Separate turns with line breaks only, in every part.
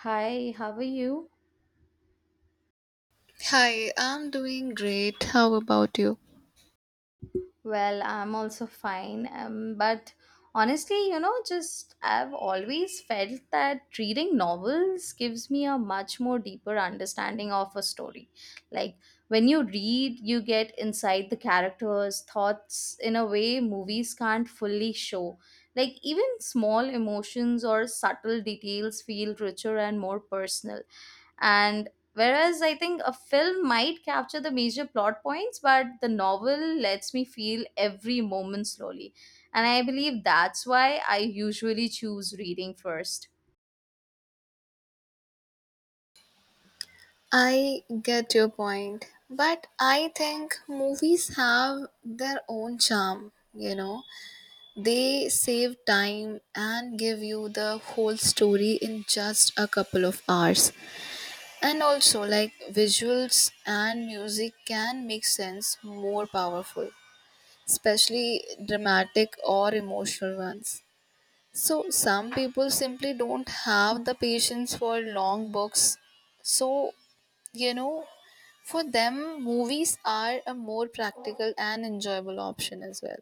Hi, how are you?
Hi, I'm doing great. How about you?
Well, I'm also fine. But honestly, just I've always felt that reading novels gives me a much more deeper understanding of a story. Like when you read, you get inside the characters' thoughts in a way movies can't fully show. Like even small emotions or subtle details feel richer and more personal. And whereas I think a film might capture the major plot points, but the novel lets me feel every moment slowly. And I believe that's why I usually choose reading first.
I get your point, but I think movies have their own charm, They save time and give you the whole story in just a couple of hours. And also, like, visuals and music can make sense more powerful, especially dramatic or emotional ones. So some people simply don't have the patience for long books. So, you know, for them, movies are a more practical and enjoyable option as well.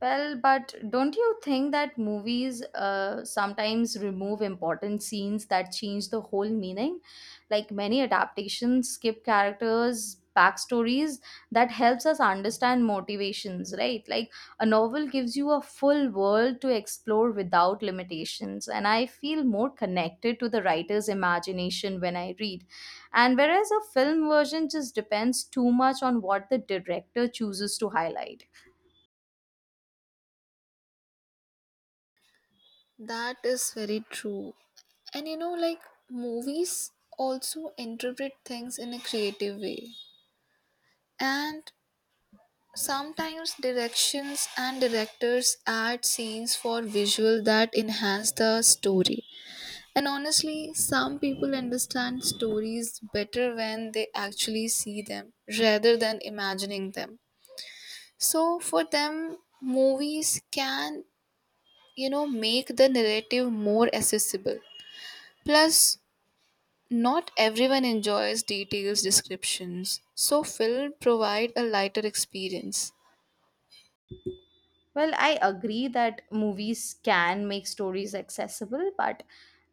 Well, but don't you think that movies sometimes remove important scenes that change the whole meaning? Like many adaptations skip characters, backstories that helps us understand motivations, right? Like a novel gives you a full world to explore without limitations, and I feel more connected to the writer's imagination when I read. And whereas a film version just depends too much on what the director chooses to highlight.
That is very true. And like, movies also interpret things in a creative way. And sometimes directions and directors add scenes for visual that enhance the story. And honestly, some people understand stories better when they actually see them rather than imagining them. So for them, movies can make the narrative more accessible. Plus, not everyone enjoys details descriptions, so film provide a lighter experience.
Well, I agree that movies can make stories accessible, but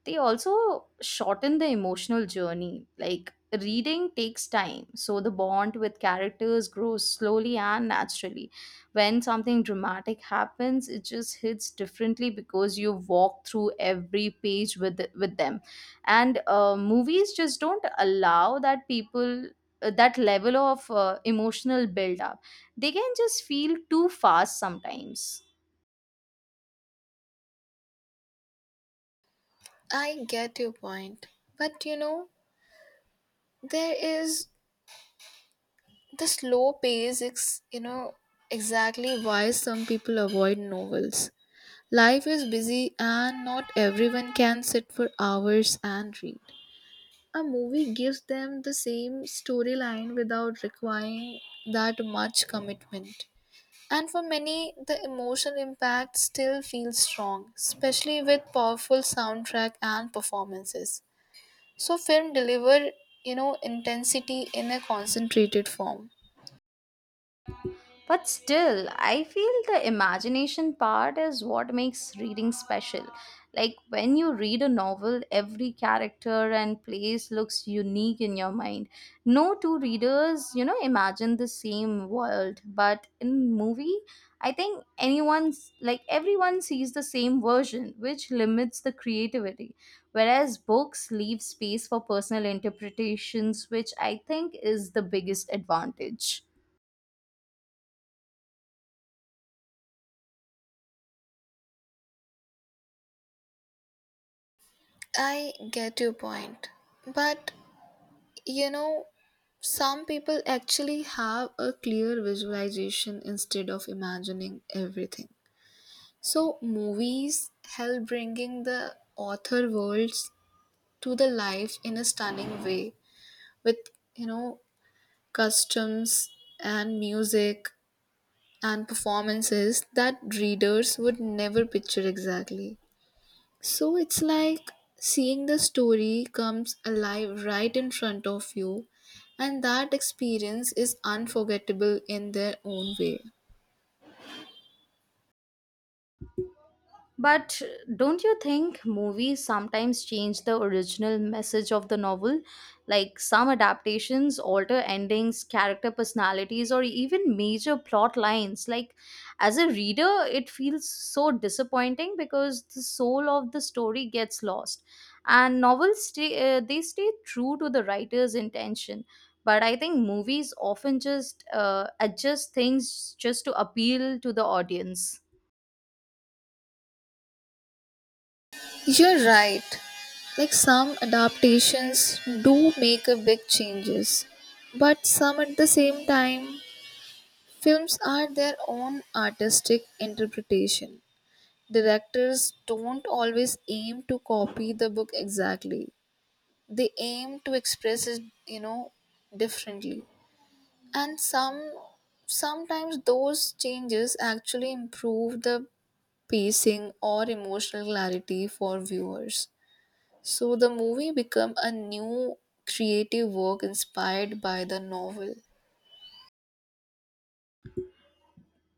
they also shorten the emotional journey. Like reading takes time, so the bond with characters grows slowly and naturally. When something dramatic happens, it just hits differently because you walk through every page with them. And movies just don't allow that people that level of emotional build up. They can just feel too fast sometimes.
I get your point, but there is, the slow pace is exactly why some people avoid novels. Life is busy and not everyone can sit for hours and read. A movie gives them the same storyline without requiring that much commitment, and for many the emotional impact still feels strong, especially with powerful soundtrack and performances. So film deliver, intensity in a concentrated form.
But still, I feel the imagination part is what makes reading special. Like when you read a novel, every character and place looks unique in your mind. No two readers, imagine the same world, but in movie, I think anyone's like everyone sees the same version, which limits the creativity. Whereas books leave space for personal interpretations, which I think is the biggest advantage.
I get your point. But you know, some people actually have a clear visualization instead of imagining everything. So movies help bringing the author worlds to the life in a stunning way with, you know customs and music and performances that readers would never picture exactly. So it's like seeing the story comes alive right in front of you, and that experience is unforgettable in their own way.
But don't you think movies sometimes change the original message of the novel? Like some adaptations alter endings, character personalities, or even major plot lines. Like, as a reader, it feels so disappointing because the soul of the story gets lost. And they stay true to the writer's intention. But I think movies often just adjust things just to appeal to the audience.
You're right. Like, some adaptations do make a big changes, but some at the same time, films are their own artistic interpretation. Directors don't always aim to copy the book exactly. They aim to express it, you know, differently. And sometimes those changes actually improve the pacing or emotional clarity for viewers. So the movie become a new creative work inspired by the novel.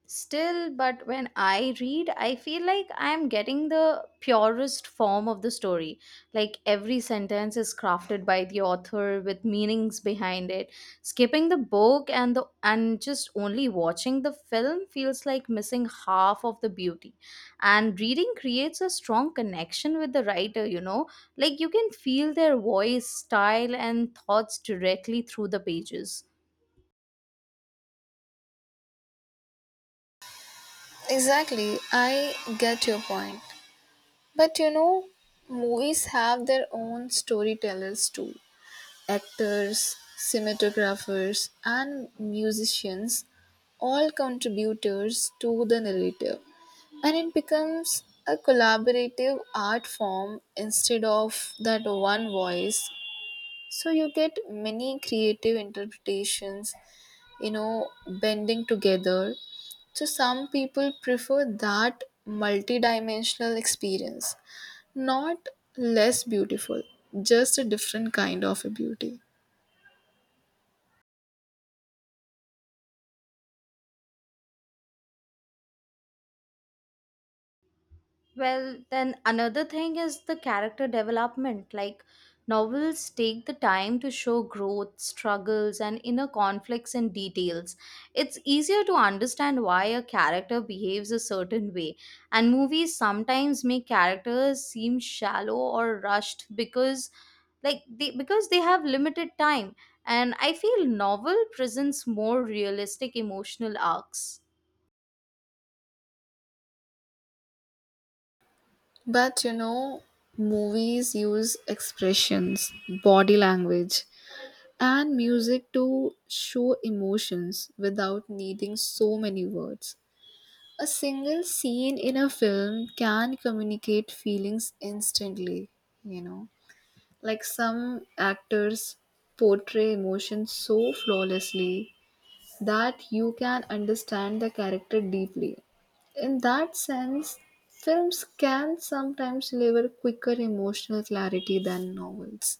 Still, but when I read, I feel like I'm getting the purest form of the story. Like every sentence is crafted by the author with meanings behind it. Skipping the book and just only watching the film feels like missing half of the beauty. And reading creates a strong connection with the writer, you know? Like you can feel their voice, style and thoughts directly through the pages.
Exactly, I get your point, but movies have their own storytellers too. Actors, cinematographers, and musicians, all contributors to the narrative, and it becomes a collaborative art form instead of that one voice. So you get many creative interpretations, bending together. So some people prefer that multidimensional experience, not less beautiful, just a different kind of a beauty.
Well, then another thing is the character development. Like, novels take the time to show growth, struggles, and inner conflicts in details. It's easier to understand why a character behaves a certain way, and movies sometimes make characters seem shallow or rushed because they have limited time, and I feel novel presents more realistic emotional arcs.
But movies use expressions, body language, and music to show emotions without needing so many words. A single scene in a film can communicate feelings instantly, you know. Like, some actors portray emotions so flawlessly that you can understand the character deeply. In that sense, films can sometimes deliver quicker emotional clarity than novels.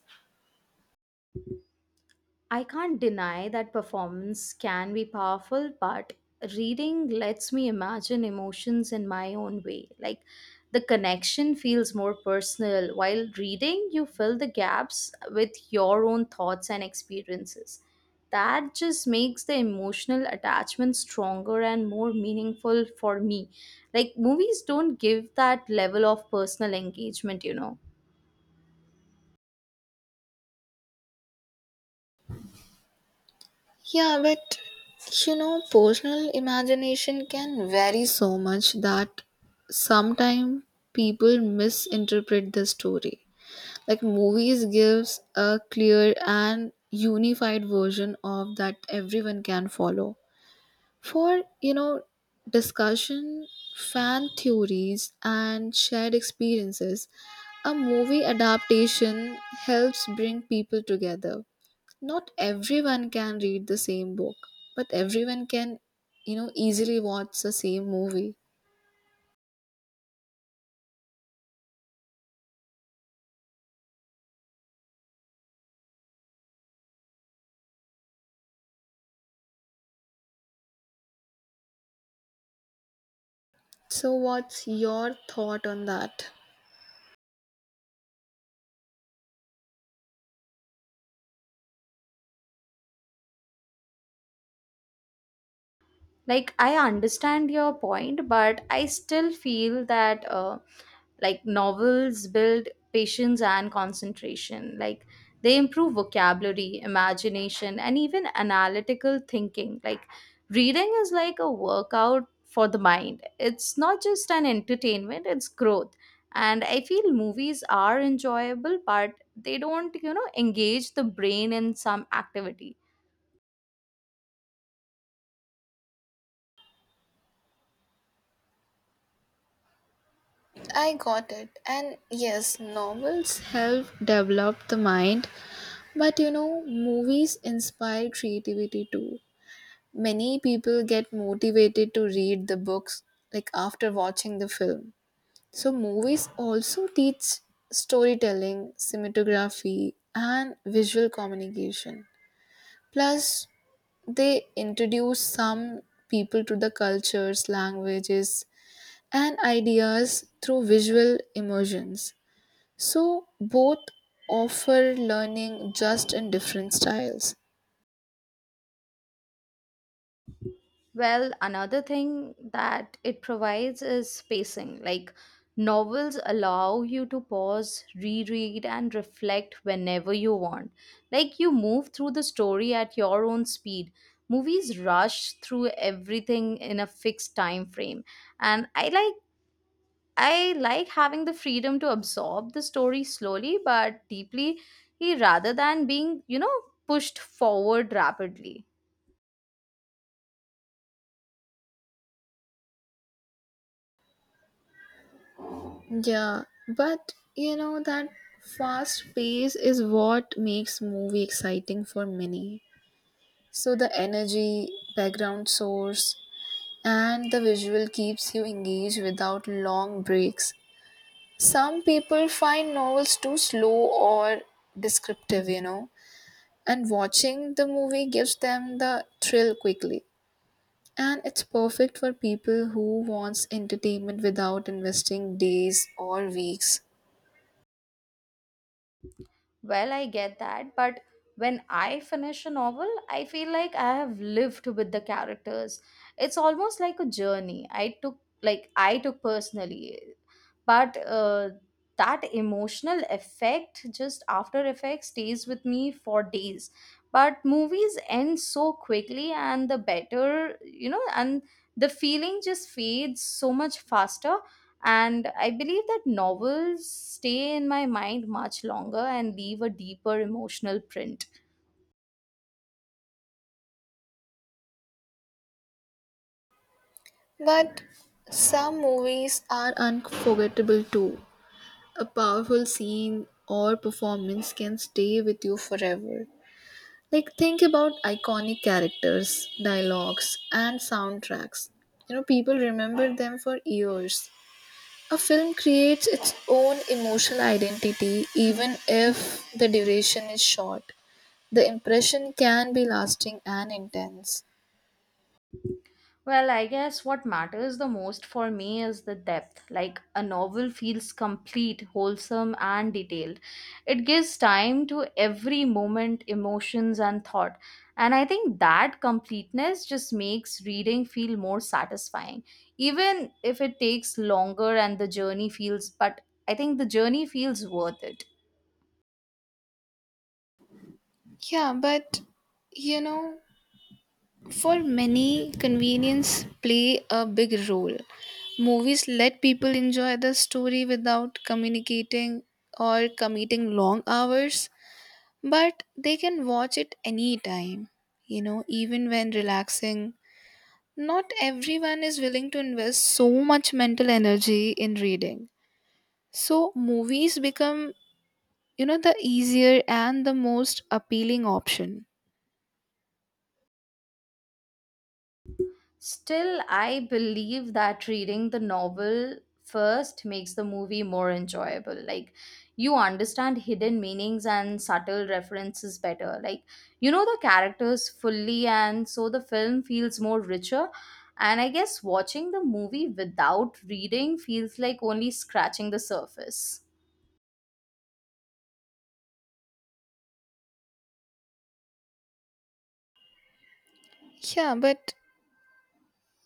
I can't deny that performance can be powerful, but reading lets me imagine emotions in my own way. Like the connection feels more personal. While reading, you fill the gaps with your own thoughts and experiences. That just makes the emotional attachment stronger and more meaningful for me. Like movies don't give that level of personal engagement, you know.
Yeah, but personal imagination can vary so much that sometimes people misinterpret the story. Like, movies gives a clear and unified version of that everyone can follow. For, discussion, fan theories, and shared experiences, a movie adaptation helps bring people together. Not everyone can read the same book, but everyone can, easily watch the same movie. So, what's your thought on that?
Like I understand your point, but I still feel that like novels build patience and concentration. Like they improve vocabulary, imagination and even analytical thinking. Like reading is like a workout for the mind. It's not just an entertainment, it's growth. And I feel movies are enjoyable, but they don't, engage the brain in some activity.
I got it. And yes, novels help develop the mind, but movies inspire creativity too. Many people get motivated to read the books, like, after watching the film. So movies also teach storytelling, cinematography, and visual communication. Plus they introduce some people to the cultures, languages, and ideas through visual immersions. So both offer learning just in different styles.
Well, another thing that it provides is spacing. Like novels allow you to pause, reread, and reflect whenever you want. Like you move through the story at your own speed. Movies rush through everything in a fixed time frame. And I like having the freedom to absorb the story slowly but deeply rather than being, pushed forward rapidly.
Yeah, but that fast pace is what makes movie exciting for many. So the energy, background source, and the visual keeps you engaged without long breaks. Some people find novels too slow or descriptive, and watching the movie gives them the thrill quickly. And it's perfect for people who wants entertainment without investing days or weeks.
Well, I get that, but when I finish a novel, I feel like I have lived with the characters. It's almost like a journey I took personally, but that emotional effect, just after effect, stays with me for days. But movies end so quickly, and the better you know, and the feeling just fades so much faster. And I believe that novels stay in my mind much longer and leave a deeper emotional print.
But some movies are unforgettable too. A powerful scene or performance can stay with you forever. Like, think about iconic characters, dialogues, and soundtracks. You know, people remember them for years. A film creates its own emotional identity even if the duration is short. The impression can be lasting and intense.
Well, I guess what matters the most for me is the depth. Like a novel feels complete, wholesome, and detailed. It gives time to every moment, emotions, and thought. And I think that completeness just makes reading feel more satisfying. Even if it takes longer and the journey feels, but I think the journey feels worth it.
Yeah, but you know, for many, convenience play a big role. Movies let people enjoy the story without communicating or committing long hours, but they can watch it anytime, even when relaxing. Not everyone is willing to invest so much mental energy in reading. So, movies become, the easier and the most appealing option.
Still, I believe that reading the novel first makes the movie more enjoyable. Like, you understand hidden meanings and subtle references better. Like, you know the characters fully, and so the film feels more richer. And I guess watching the movie without reading feels like only scratching the surface.
Yeah, but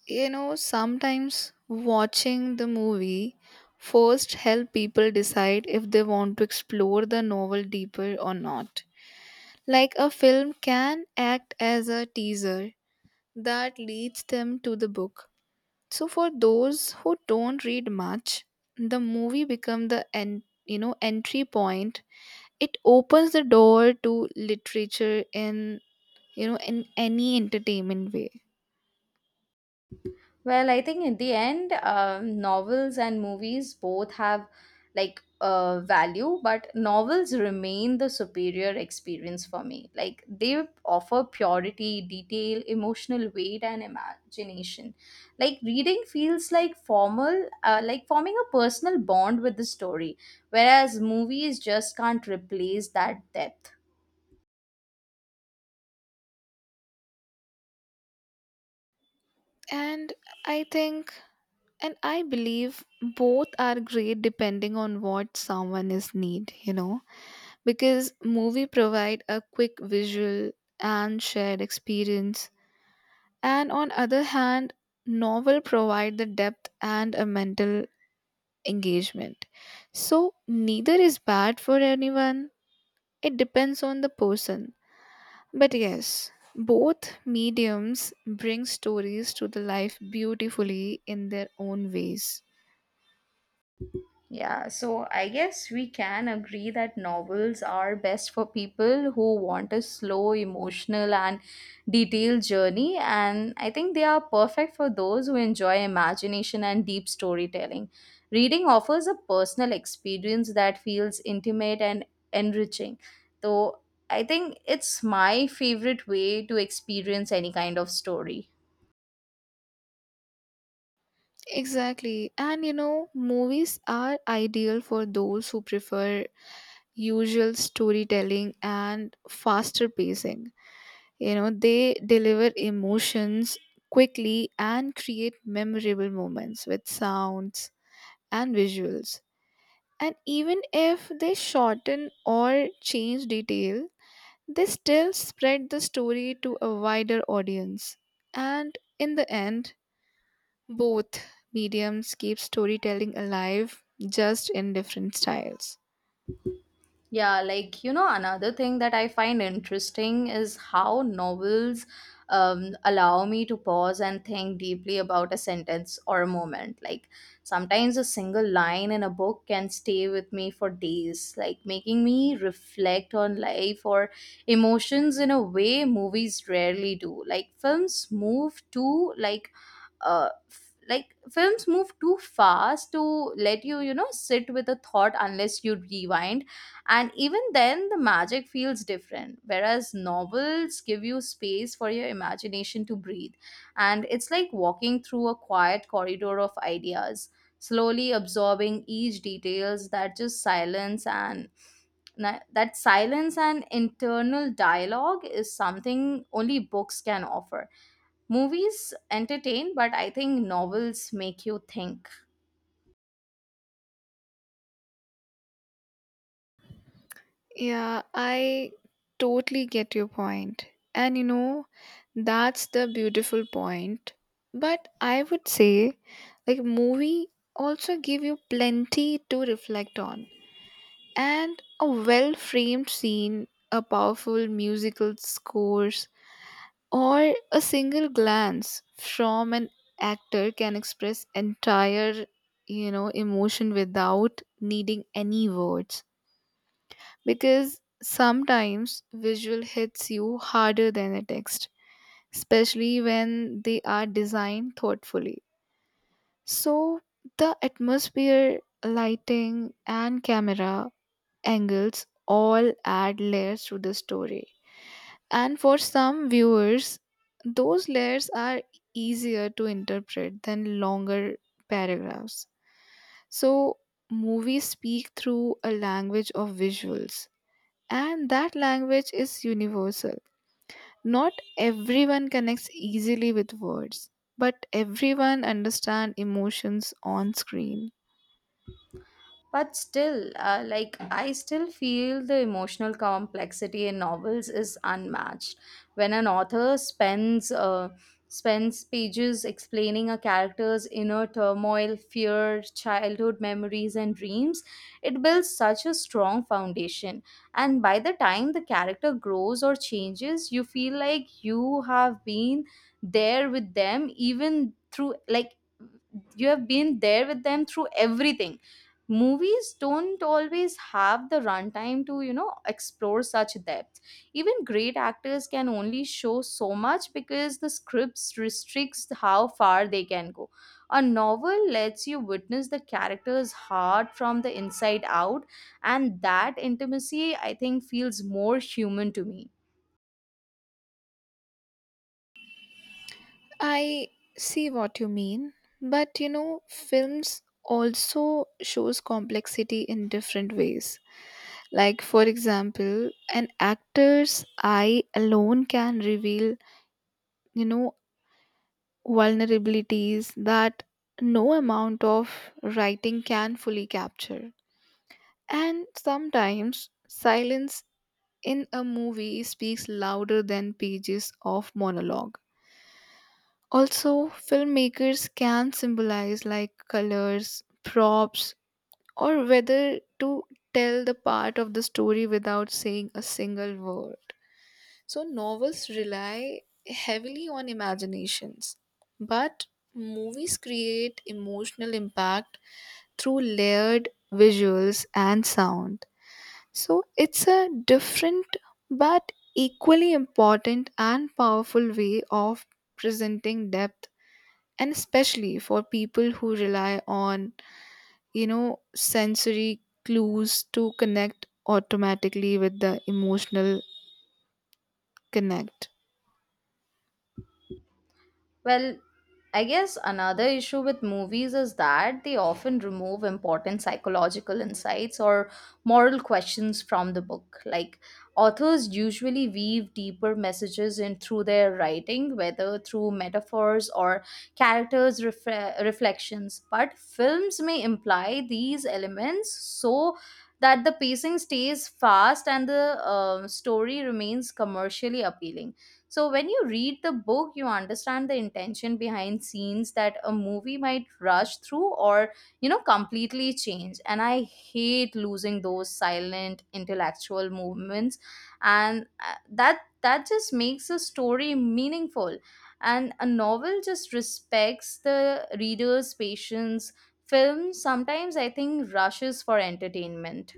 Sometimes watching the movie first help people decide if they want to explore the novel deeper or not. Like, a film can act as a teaser that leads them to the book. So for those who don't read much, the movie become the entry point. It opens the door to literature in, in any entertainment way.
Well, I think in the end, novels and movies both have value, but novels remain the superior experience for me. Like they offer purity, detail, emotional weight, and imagination. Like reading feels like forming a personal bond with the story, whereas movies just can't replace that depth.
And I think And I believe both are great depending on what someone is need, because movie provide a quick visual and shared experience. And on other hand, novel provide the depth and a mental engagement. So neither is bad for anyone. It depends on the person. But yes, both mediums bring stories to the life beautifully in their own ways.
Yeah, so I guess we can agree that novels are best for people who want a slow, emotional, and detailed journey. And I think they are perfect for those who enjoy imagination and deep storytelling. Reading offers a personal experience that feels intimate and enriching. So I think it's my favorite way to experience any kind of story.
Exactly. And movies are ideal for those who prefer usual storytelling and faster pacing. You know, they deliver emotions quickly and create memorable moments with sounds and visuals. And even if they shorten or change detail, they still spread the story to a wider audience. And in the end, both mediums keep storytelling alive, just in different styles.
Yeah, another thing that I find interesting is how novels allow me to pause and think deeply about a sentence or a moment. Like sometimes a single line in a book can stay with me for days, like making me reflect on life or emotions in a way movies rarely do. Like films move too fast to let you, you know sit with a thought unless you rewind, and even then the magic feels different. Whereas novels give you space for your imagination to breathe, and it's like walking through a quiet corridor of ideas, slowly absorbing each details. That silence and internal dialogue is something only books can offer. Movies entertain, but I think novels make you think.
Yeah, I totally get your point. And that's the beautiful point. But I would say, like, movie also give you plenty to reflect on. And a well framed scene, a powerful musical scores, or a single glance from an actor can express entire, emotion without needing any words, because sometimes visual hits you harder than a text, especially when they are designed thoughtfully. So the atmosphere, lighting, and camera angles all add layers to the story, and for some viewers, those layers are easier to interpret than longer paragraphs. So, movies speak through a language of visuals, and that language is universal. Not everyone connects easily with words, but everyone understands emotions on screen.
But still, I still feel the emotional complexity in novels is unmatched. When an author spends pages explaining a character's inner turmoil, fear, childhood memories, and dreams, it builds such a strong foundation. And by the time the character grows or changes, you feel like you have been there with them, even through, like, you have been there with them through everything. Movies don't always have the runtime to, explore such depth. Even great actors can only show so much because the scripts restricts how far they can go. A novel lets you witness the character's heart from the inside out, and that intimacy, I think, feels more human to me.
I see what you mean, but films also shows complexity in different ways. Like, for example, an actor's eye alone can reveal, you know vulnerabilities that no amount of writing can fully capture. And sometimes silence in a movie speaks louder than pages of monologue. Also filmmakers can symbolize, like colors, props, or whether, to tell the part of the story without saying a single word. So novels rely heavily on imaginations, but movies create emotional impact through layered visuals and sound. So it's a different but equally important and powerful way of presenting depth, and especially for people who rely on, sensory clues to connect automatically with the emotional connect.
Well, I guess another issue with movies is that they often remove important psychological insights or moral questions from the book. Like authors usually weave deeper messages in through their writing, whether through metaphors or reflections. But films may imply these elements so that the pacing stays fast and the story remains commercially appealing. So when you read the book, you understand the intention behind scenes that a movie might rush through or, completely change. And I hate losing those silent intellectual movements, and that just makes a story meaningful. And a novel just respects the reader's patience. Film sometimes I think rushes for entertainment.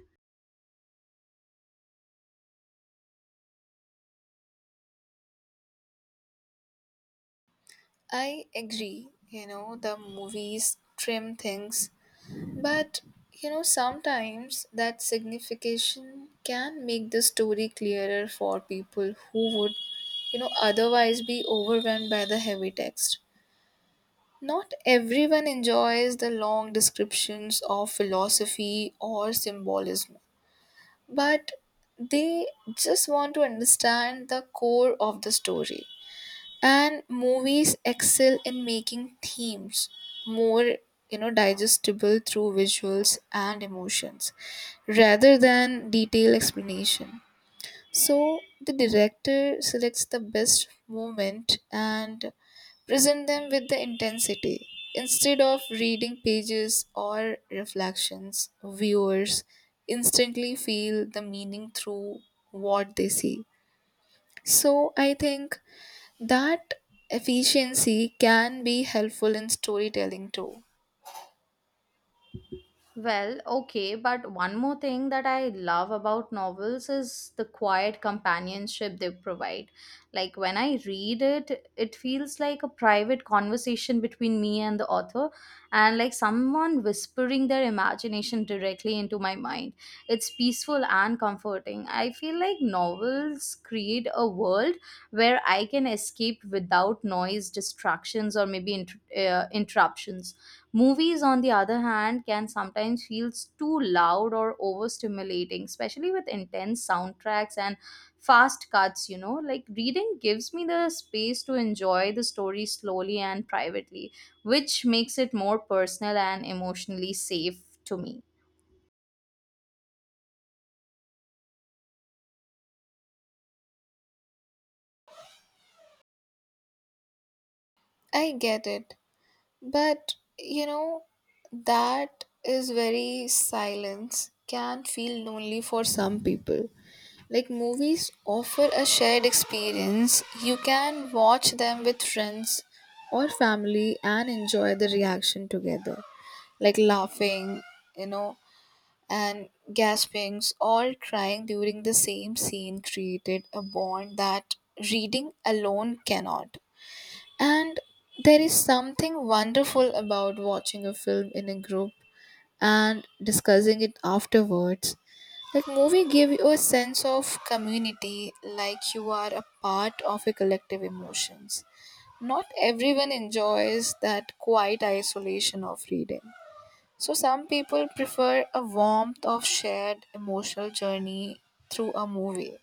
I agree, the movies trim things, but sometimes that signification can make the story clearer for people who would, otherwise be overwhelmed by the heavy text. Not everyone enjoys the long descriptions of philosophy or symbolism, but they just want to understand the core of the story. And movies excel in making themes more, digestible through visuals and emotions rather than detailed explanation. So the director selects the best moment and present them with the intensity. Instead of reading pages or reflections, viewers instantly feel the meaning through what they see. So I think that efficiency can be helpful in storytelling too.
Well, okay, but one more thing that I love about novels is the quiet companionship they provide. Like when I read it, it feels like a private conversation between me and the author, and like someone whispering their imagination directly into my mind. It's peaceful and comforting. I feel like novels create a world where I can escape without noise, distractions, or maybe interruptions. Movies, on the other hand, can sometimes feel too loud or overstimulating, especially with intense soundtracks and fast cuts. You know, like reading gives me the space to enjoy the story slowly and privately, which makes it more personal and emotionally safe to me.
I get it. But that is very silence can feel lonely for some people. Like, movies offer a shared experience. You can watch them with friends or family and enjoy the reaction together. Like, laughing, you know, and gaspings, all crying during the same scene, created a bond that reading alone cannot. And there is something wonderful about watching a film in a group and discussing it afterwards. That movie gave you a sense of community, like you are a part of a collective emotions. Not everyone enjoys that quiet isolation of reading. So some people prefer a warmth of shared emotional journey through a movie.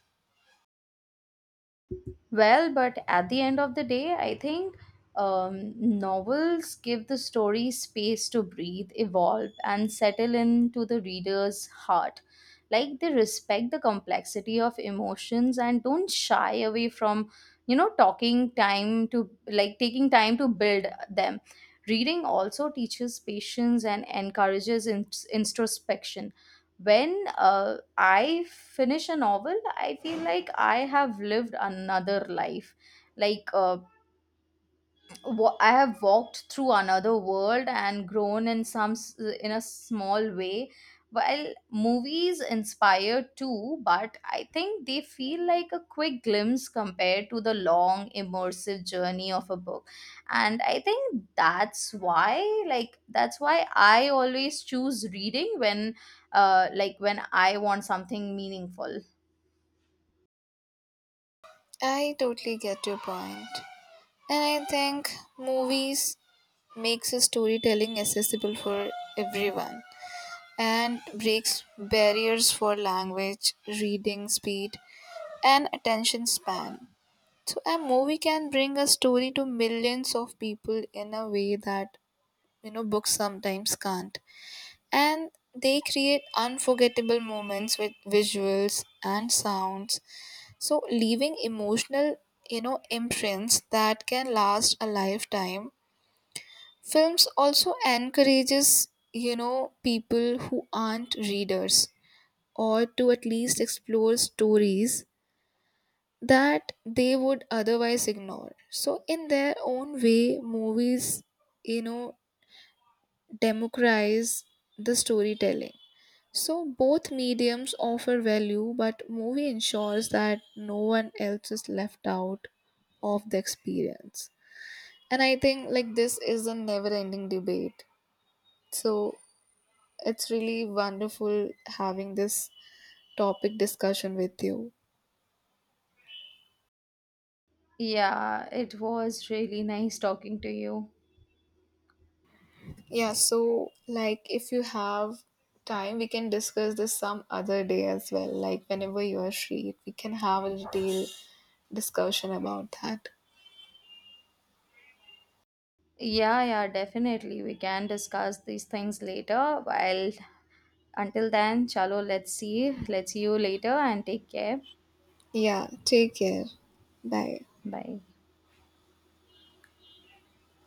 Well, but at the end of the day, I think novels give the story space to breathe, evolve, and settle into the reader's heart. Like they respect the complexity of emotions and don't shy away from, talking time to like taking time to build them. Reading also teaches patience and encourages introspection. When I finish a novel, I feel like I have lived another life, like I have walked through another world and grown in in a small way. While movies inspire too, but I think they feel like a quick glimpse compared to the long immersive journey of a book. And I think that's why, that's why I always choose reading when, when I want something meaningful.
I totally get your point. And I think movies makes a storytelling accessible for everyone and breaks barriers for language, reading speed, and attention span. So a movie can bring a story to millions of people in a way that, books sometimes can't. And they create unforgettable moments with visuals and sounds. So, leaving emotional, imprints that can last a lifetime. Films also encourages, people who aren't readers or to at least explore stories that they would otherwise ignore. So, in their own way, movies, you know, democratize the storytelling. So both mediums offer value, but movie ensures that no one else is left out of the experience. And I think like this is a never-ending debate. So it's really wonderful having this topic discussion with you.
Yeah, it was really nice talking to you.
Yeah, so like, if you have time, we can discuss this some other day as well. Like, whenever you are free, we can have a detailed discussion about that.
Yeah, yeah, definitely, we can discuss these things later. While until then, chalo, let's see. Let's see you later and take care.
Yeah, take care. Bye.
Bye.